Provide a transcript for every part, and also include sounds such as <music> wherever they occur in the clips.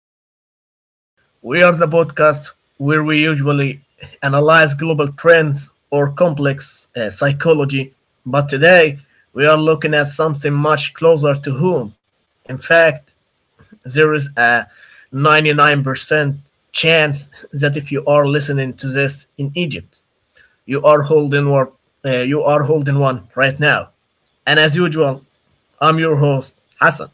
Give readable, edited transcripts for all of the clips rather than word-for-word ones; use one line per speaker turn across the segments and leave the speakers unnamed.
Middle Ground. We are the podcast where we usually analyze global trends or complex psychology, but today we are looking at something much closer to home. In fact, there is a 99% chance that if you are listening to this in Egypt, you are holding you are holding one right now. And as usual, I'm your host, Hassan.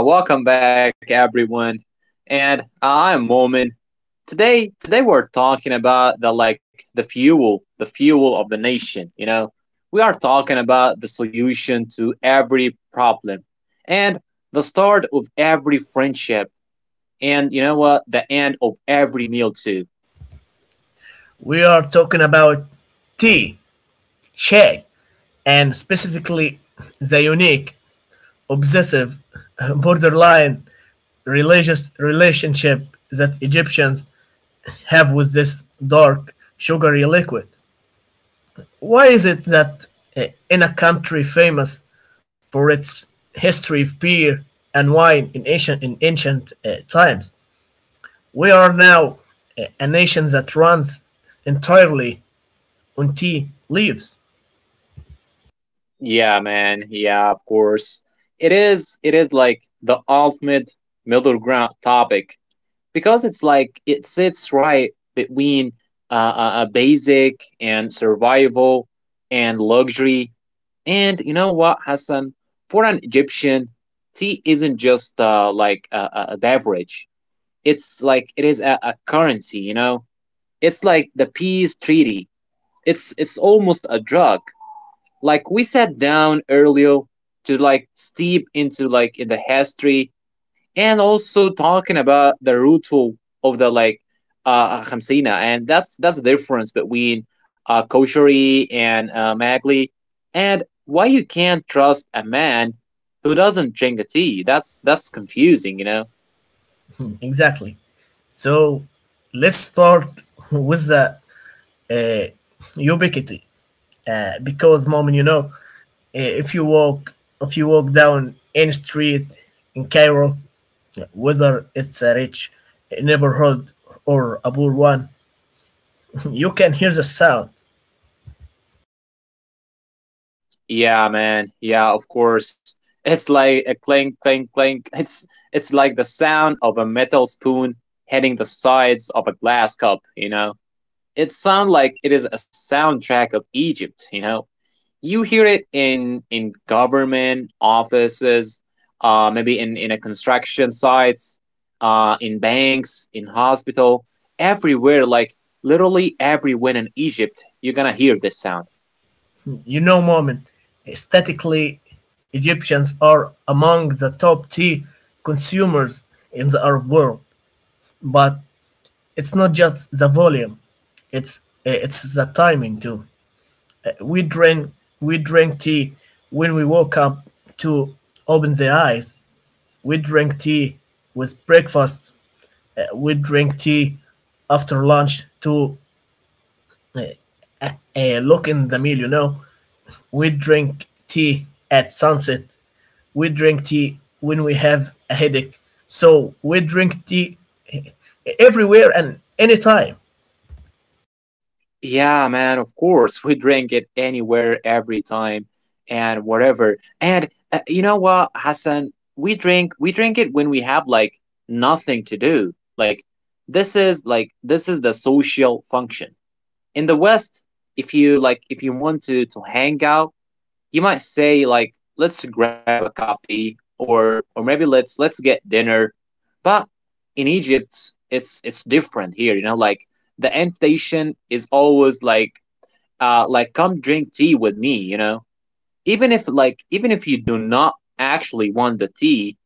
Yeah, welcome back everyone. And I'm Momin. Today we're talking about the fuel, the fuel of the nation, you know. We are talking about the solution to every problem and the start of every friendship and you know what, the end of every meal too.
We are talking about tea, shag, and specifically the unique, obsessive, borderline religious relationship that Egyptians have with this dark, sugary liquid. Why is it that in a country famous for its history of beer and wine in ancient times, we are now a nation that runs entirely on tea leaves?
Yeah, man. Yeah, of course. It is like the ultimate middle ground topic because it's like it sits right between a basic and survival and luxury. And you know what, Hassan? For an Egyptian, tea isn't just like a beverage. It's like it is a currency. You know, it's like the peace treaty. It's almost a drug. Like we sat down earlier to like steep into like in the history and also talking about the root of the like khamsina and that's the difference between kosheri and magli and why you can't trust a man who doesn't drink a tea that's confusing, you know.
Exactly. So let's start with the uh, ubiquity, because moment, you know, uh, if you walk if you walk down any street in Cairo, whether it's a rich neighborhood or a poor one, <laughs> you can hear the sound.
Yeah, man. Yeah, of course. It's like a clink, clink, clink. <laughs> It's like the sound of a metal spoon hitting the sides of a glass cup, you know. It sounds like it is a soundtrack of Egypt, you know. You hear it in government offices, maybe in a construction sites, in banks, in hospital, everywhere. Like literally everywhere in Egypt you're gonna hear this sound.
You know, moment, statically, Egyptians are among the top tea consumers in the Arab world, but it's not just the volume; it's it's the timing too. we drink we drink tea when we woke up to open the eyes. We drink tea with breakfast. We drink tea after lunch to uh, uh, look in the meal. You know, we drink tea at sunset. We drink tea when we have a headache. So we drink tea uh, everywhere and anytime.
Yeah, man, of course we drink it anywhere, every time and whatever. And you know what, Hassan, we drink it when we have like nothing to do. Like this is the social function. In the West, if you like, if you want to hang out, you might say like, let's grab a coffee, or maybe let's get dinner. But in Egypt, it's different here. You know, like the invitation is always like, like, come drink tea with me. You know, even if like even if you do not actually want the tea,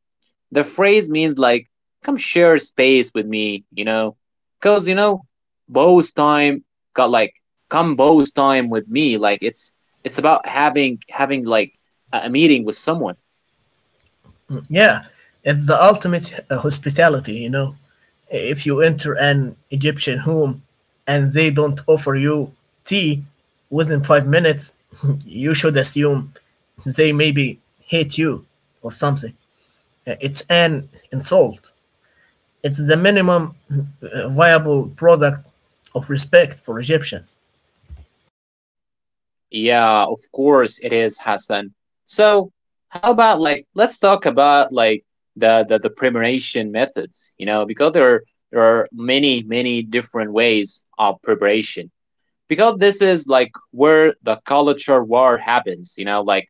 the phrase means like, come share space with me, you know? Because, you know, Bo's time got like, come Bo's time with me. Like, it's about having like a meeting with someone.
Yeah, it's the ultimate hospitality, you know. If you enter an Egyptian home and they don't offer you tea within 5 minutes, <laughs> you should assume they maybe hate you or something. It's an insult. It's the minimum viable product of respect for Egyptians.
Yeah, of course it is, Hassan. So how about like let's talk about like the preparation methods, you know, because there are many different ways of preparation. Because this is like where the culture war happens, you know, like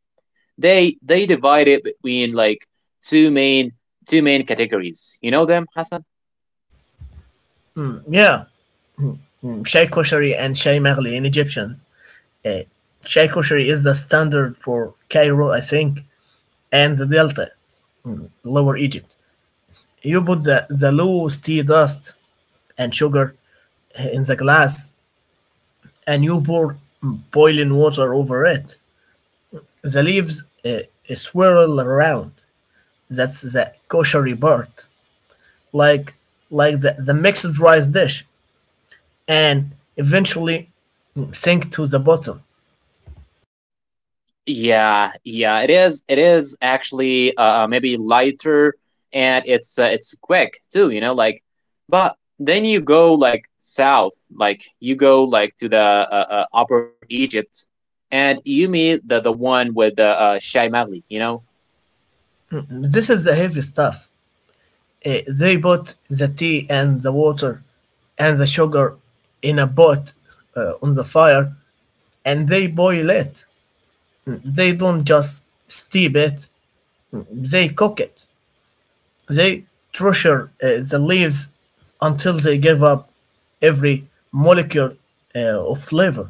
they divide it between like two main two main categories. You know them, Hassan?
Yeah, Shai Koshari and Shai Maghli in Egyptian. Uh, Shai Koshari is the standard for Cairo, I think, and the Delta, Lower Egypt. You put the loose tea dust and sugar in the glass, and you pour boiling water over it. The leaves swirl around. That's the koshery part, like like the mixed rice dish, and eventually sink to the bottom.
Yeah, yeah. It is actually maybe lighter, and it's quick too. You know, like, but then you go like south, like you go like to the Upper Egypt, and you meet the one with the Shai, you know.
This is the heavy stuff. They put the tea and the water and the sugar in a pot on the fire and they boil it. They don't just steep it, they cook it. They treasure the leaves until they give up every molecule uh, of flavor.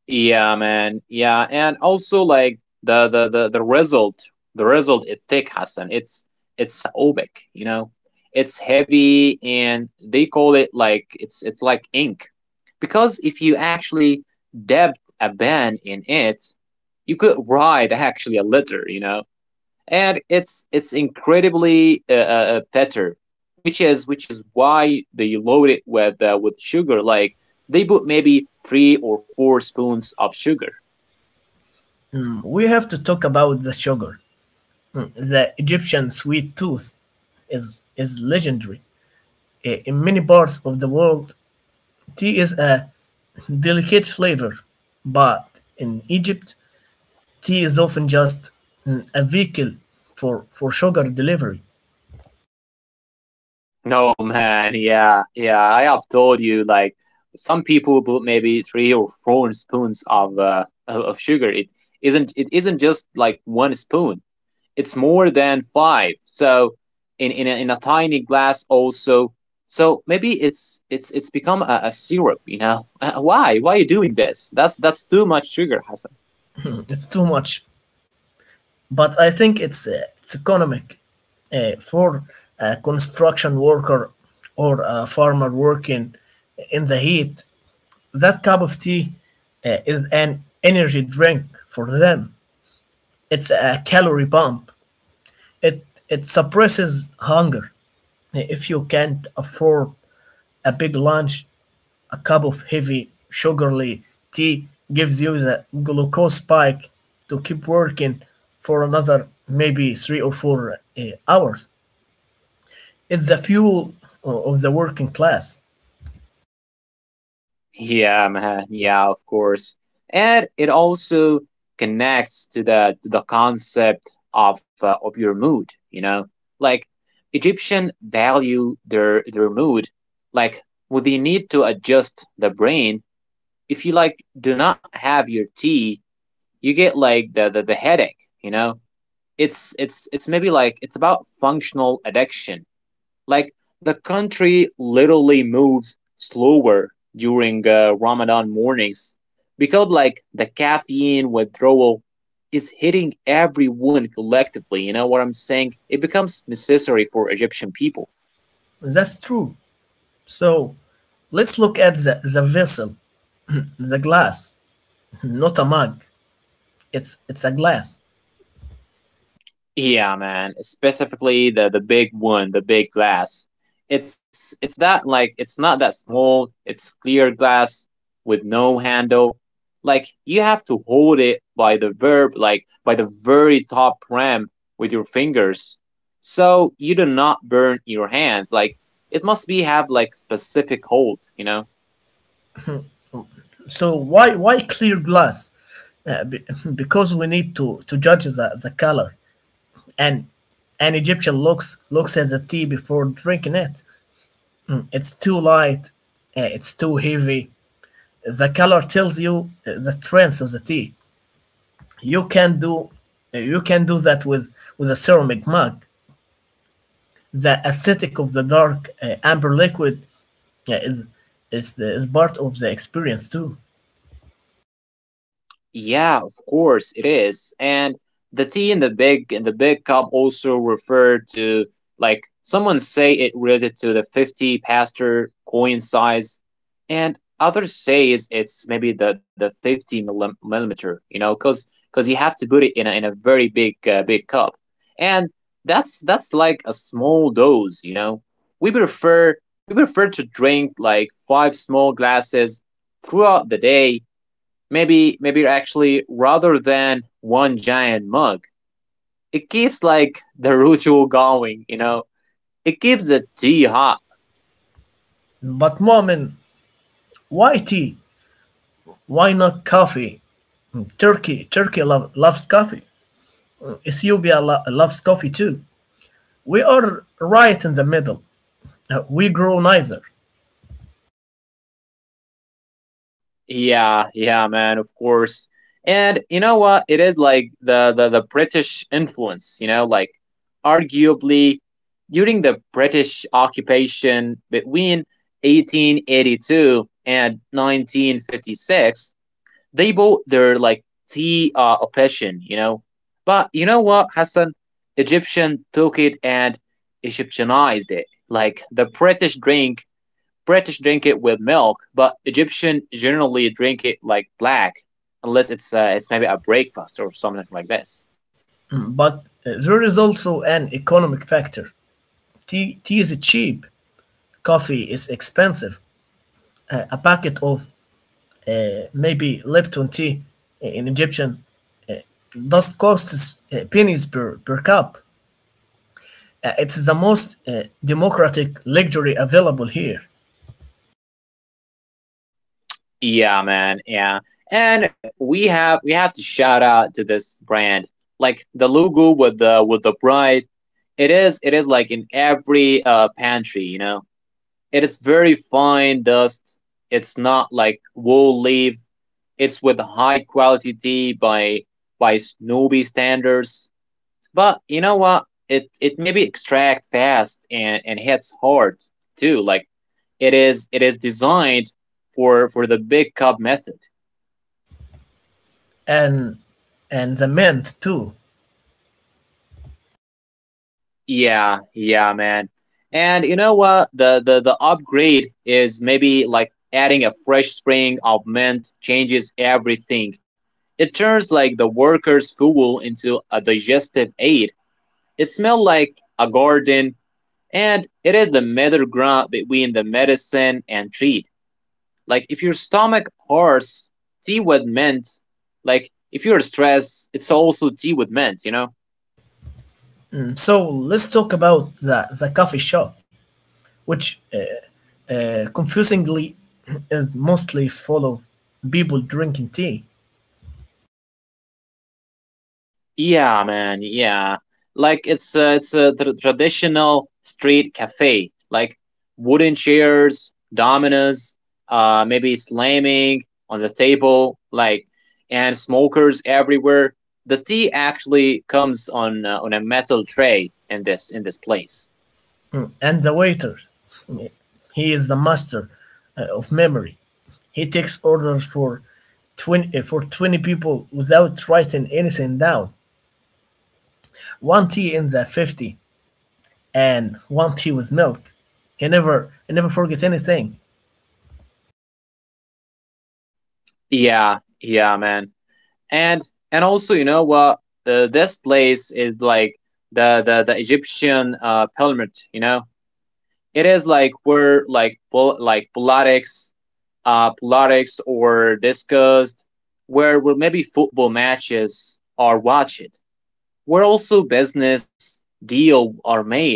Yeah, man. Yeah, and also like the result, the result is thick, Hassan. It's opaque, you know. It's heavy, and they call it like it's like ink, because if you actually dab a pen in it, you could write <laughs> actually a letter, you know. And it's incredibly better, which is why they load it with sugar. Like they put maybe three or four spoons of sugar.
We have to talk about the sugar. The Egyptian sweet tooth is legendary. In many parts of the world, tea is a delicate flavor, but in Egypt, tea is often just a vehicle for sugar delivery.
No, man, yeah, yeah. I have told you like some people put maybe three or four spoons of of sugar. It isn't just like one spoon. It's more than five. So in in a tiny glass also. So maybe it's become a syrup. You know, why are you doing this? That's too much sugar, Hassan.
It's too much, but I think it's economic for a construction worker or a farmer working in the heat. That cup of tea is an energy drink for them. It's a calorie pump. It suppresses hunger. If you can't afford a big lunch, a cup of heavy, sugary tea gives you the glucose spike to keep working for another maybe three or four hours. It's the fuel of the working class.
Yeah, man. Yeah, of course. And it also connects to the concept of your mood. You know, like Egyptian value their mood. Like, would they need to adjust the brain if you like do not have your tea, you get like the headache, you know. It's maybe like it's about functional addiction. Like, the country literally moves slower during Ramadan mornings, because like the caffeine withdrawal is hitting everyone collectively. You know what I'm saying, it becomes necessary for Egyptian people.
That's true. So let's look at the vessel, the glass, <laughs> not a mug. It's a glass.
Yeah, man. Specifically the big one, the big glass. It's that like it's not that small. It's clear glass with no handle. Like you have to hold it by the verb, like by the very top rim with your fingers. So you do not burn your hands. Like, it must be have like specific hold, you know?
So why clear glass? Uh, be- <laughs> because we need to judge the color and an Egyptian looks at the tea before drinking it. It's too light. Uh, it's too heavy. The color tells you the strength of the tea. You can do you can do that with a ceramic mug. The aesthetic of the dark amber liquid uh, is is part of the experience too.
Yeah, of course it is. And the tea in the big cup also referred to like someone say it related to the 50 pastor coin size, and others say it's maybe the 50 millim- millimeter, you know, cuz cuz you have to put it in a very big big cup. And that's like a small dose, you know. We prefer we prefer to drink like 5 small glasses throughout the day, maybe maybe actually rather than one giant mug. It keeps like the ritual going, you know. It keeps the tea hot.
But Momin, why tea? Why not coffee? Turkey loves coffee. Ethiopia loves coffee too. We are right in the middle. We grow neither.
Yeah, yeah, man, of course. And you know what, it is like the British influence, you know. Like, arguably during the British occupation between 1882 and 1956, they bought their like tea a passion, you know. But you know what, Hassan? Egyptian took it and Egyptianized it. Like British drink it with milk, but Egyptian generally drink it like black, unless it's maybe a breakfast or something like this.
But there is also an economic factor. Tea is cheap, coffee is expensive. A packet of maybe Lipton tea in Egyptian does cost pennies per cup. It's the most democratic luxury available here,
Yeah, man. Yeah, and we have to shout out to this brand. Like the logo with the bride, it is like in every pantry, you know. It is very fine dust. It's not like wool leaf. It's with high quality tea by snooby standards. But you know what? It maybe extract fast, and hits hard too. Like it is designed for the big cup method.
and the mint too.
Yeah, yeah, man. And you know what? The upgrade is maybe like adding a fresh spring of mint changes everything. It turns like the workers' fuel into a digestive aid. It smells like a garden, and it is the middle ground between the medicine and treat. Like if your stomach hurts, tea with mint. Like if you're stressed, it's also tea with mint. You know.
So let's talk about the coffee shop, which confusingly <clears throat> is mostly full of people drinking tea.
Yeah, man. Yeah, like it's it's a tr- traditional street cafe, like wooden chairs, dominoes, maybe slamming on the table, like, and smokers everywhere. The tea actually comes on a metal tray in this place.
And the waiter, he is the master of memory. He takes orders for 20 people without writing anything down. One tea in the 50 and one tea with milk. He never forgets anything.
Yeah, yeah, man. And and also, you know what? The this place is like the Egyptian pyramid. You know, it is like where like politics, politics or discussed, where maybe football matches are watched, where also business deal are made.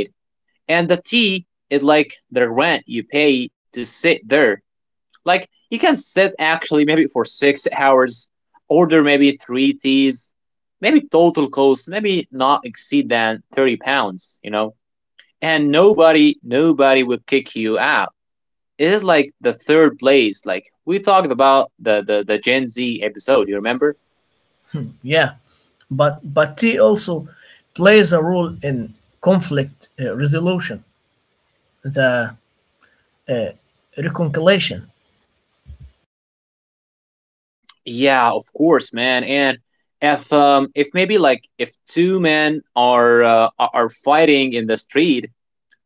And the tea is like the rent you pay to sit there. Like, you can sit actually maybe for 6 hours, order maybe three teas, maybe total cost maybe not exceed than 30 pounds, you know. And nobody will kick you out. It is like the third place. Like we talked about the Gen Z episode. You remember?
Yeah. But tea also plays a role in conflict resolution, the uh, reconciliation.
Yeah, of course, man. And if maybe like if two men are are fighting in the street,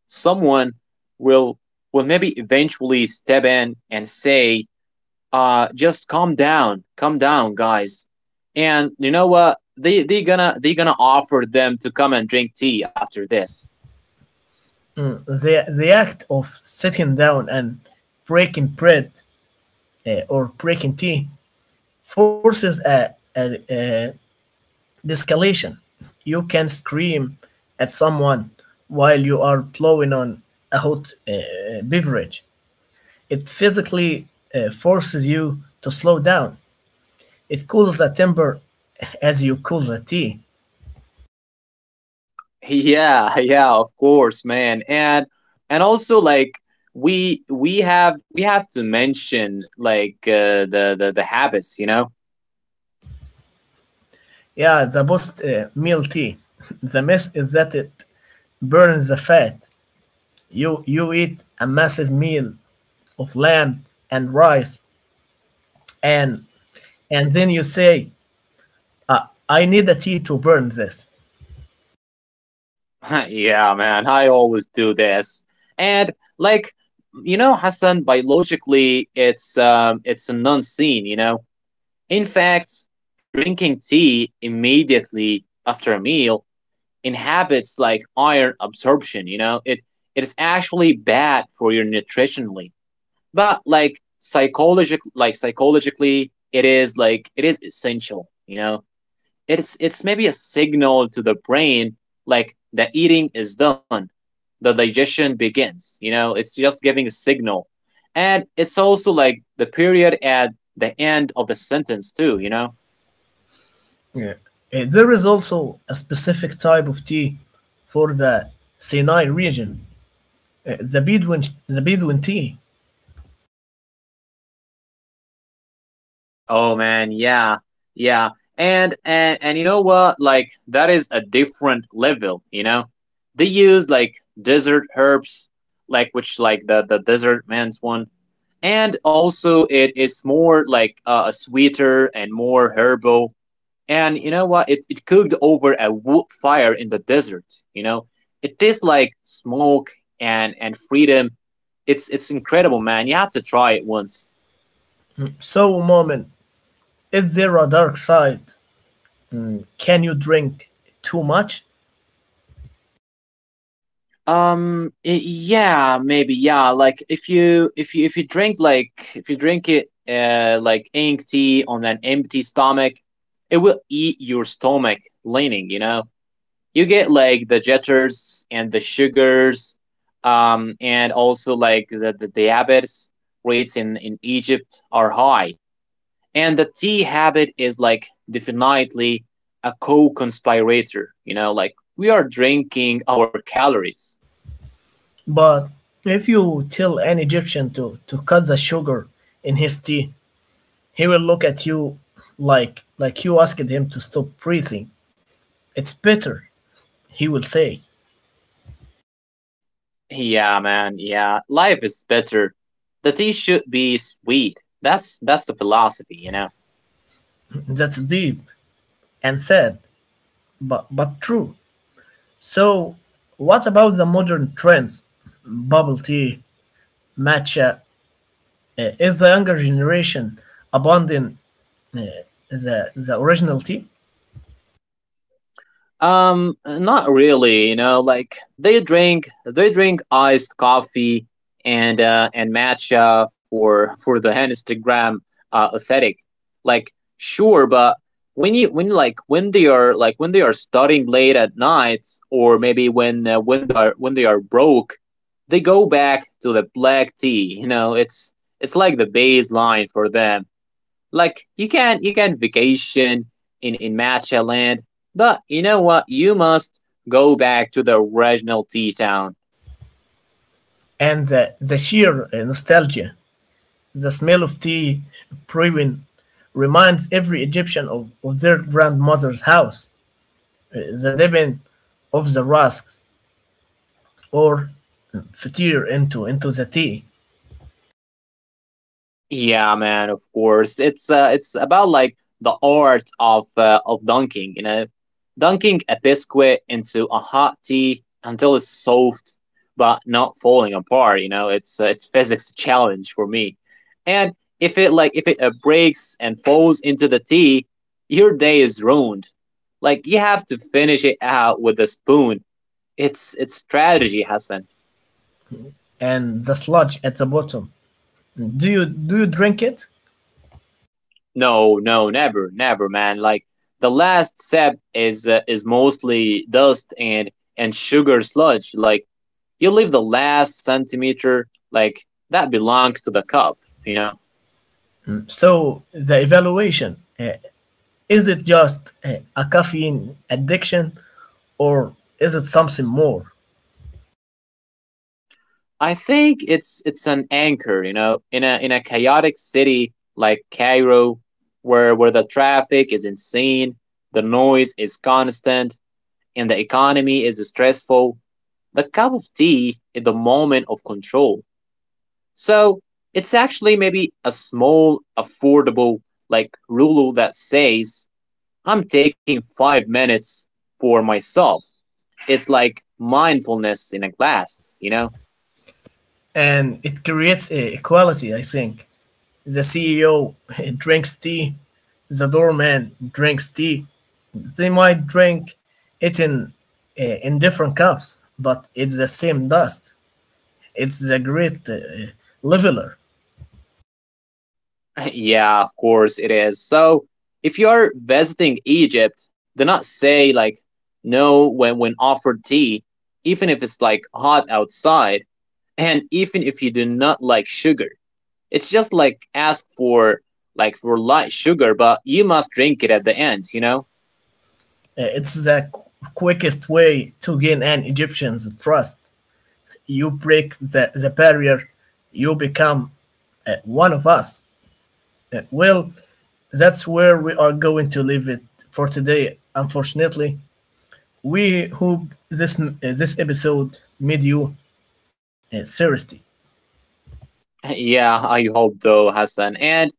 someone will maybe eventually step in and say, just calm down, guys. And you know what? They gonna offer them to come and drink tea after this.
The the act of sitting down and breaking bread or breaking tea forces a de-escalation. You can scream at someone while you are blowing on a hot beverage. It physically forces you to slow down. It cools the temper as you cool the tea.
Yeah, <laughs> yeah, of course, man. And also like, we have to mention like the habits, you know.
Yeah, the best meal tea. <laughs> The mess is that it burns the fat. You eat a massive meal of lamb and rice, and and then you say, I need a tea to burn this.
<laughs> yeah, man, I always do this. And like, you know, Hassan, biologically it's a non-scene, you know. In fact, drinking tea immediately after a meal inhibits like iron absorption, you know. It is actually bad for your nutritionally. But like psychologically, psychologically it is like it is essential, you know. It's maybe a signal to the brain, like the eating is done, the digestion begins, you know. It's just giving a signal, and it's also like the period at the end of the sentence too, you know.
Yeah. There is also a specific type of tea for the Sinai region, uh, the Bedouin, the Bedouin tea.
Oh, man, yeah, yeah, and you know what? Like, that is a different level. You know, they use like desert herbs, like which like the desert man's one, and also it is more like a sweeter and more herbal. And you know what? It cooked over a wood fire in the desert. You know, it tastes like smoke and freedom. It's incredible, man. You have to try it once.
So, Moment, is there a dark side? Can you drink too much?
Y- yeah, maybe, yeah. Like if you if you if you drink like if you drink it like ink tea on an empty stomach, it will eat your stomach lining, you know. You get like the jitters and the sugars. Um, and also like the diabetes rates in Egypt are high. And the tea habit is like definitely a co-conspirator, you know, like we are drinking our calories.
But if you tell an Egyptian to cut the sugar in his tea, he will look at you like you asked him to stop breathing. It's bitter, he will say.
Yeah, man. Yeah, life is better. The tea should be sweet. That's the philosophy, you know.
That's deep and sad, but true. So, what about the modern trends? Bubble tea, matcha. Uh, is the younger generation abandoning uh, the original tea
Not really. You know, like they drink iced coffee and matcha for the Instagram aesthetic. Like, sure, but when you when like when they are like when they are studying late at nights, or maybe when they are broke, they go back to the black tea. You know, it's like the baseline for them. Like, you can vacation in Matcha Land, but you know what? You must go back to the original tea town.
and the sheer nostalgia? The smell of tea brewing reminds every Egyptian of their grandmother's house, the dipping of the rusks or fatir into the tea
Yeah, man, of course. It's about like the art of dunking, you know, dunking a biscuit into a hot tea until it's soft but not falling apart. You know, it's physics challenge for me. And if it like if it breaks and falls into the tea, your day is ruined. Like you have to finish it out with a spoon. It's strategy, Hassan.
and the sludge at the bottom. Do you drink it?
No, no, never, never, man. Like, the last sip is mostly dust and sugar sludge. Like, you leave the last centimeter, like, that belongs to the cup. You know.
So the evaluation is it just a caffeine addiction, or is it something more?
I think it's an anchor. You know, in a chaotic city like Cairo, where the traffic is insane, the noise is constant, and the economy is stressful. The cup of tea is the moment of control. So it's actually maybe a small, affordable, like rule that says, I'm taking 5 minutes for myself. It's like mindfulness in a glass, you know?
And it creates a equality, I think. The CEO <laughs> drinks tea, the doorman drinks tea. They might drink it in different cups, but it's the same dust. It's the great leveler.
<laughs> yeah, of course it is. So if you're visiting Egypt, do not say like no when when offered tea, even if it's like hot outside, and even if you do not like sugar. It's just like ask for light sugar, but you must drink it at the end, you know?
It's the quickest way to gain an Egyptian's trust. You break the barrier, you become one of us. Well, that's where we are going to leave it for today. Unfortunately, we hope this this episode made you thirsty.
<laughs> Yeah, I hope though, Hassan. And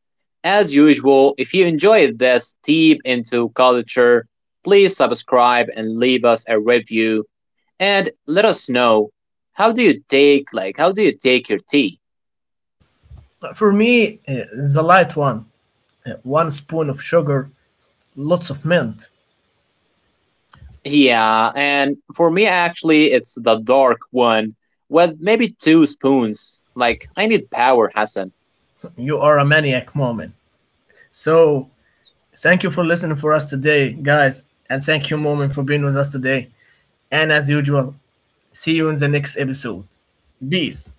as usual, if you enjoyed this deep into culture, please subscribe and leave us a review, and let us know how do you take your tea?
For me, the light one, one spoon of sugar, lots of mint.
Yeah, and for me, actually, it's the dark one with maybe 2 spoons. Like, I need power, Hassan.
You are a maniac, moment. So thank you for listening for us today, guys, and thank you, moment, for being with us today. And as usual, see you in the next episode. This.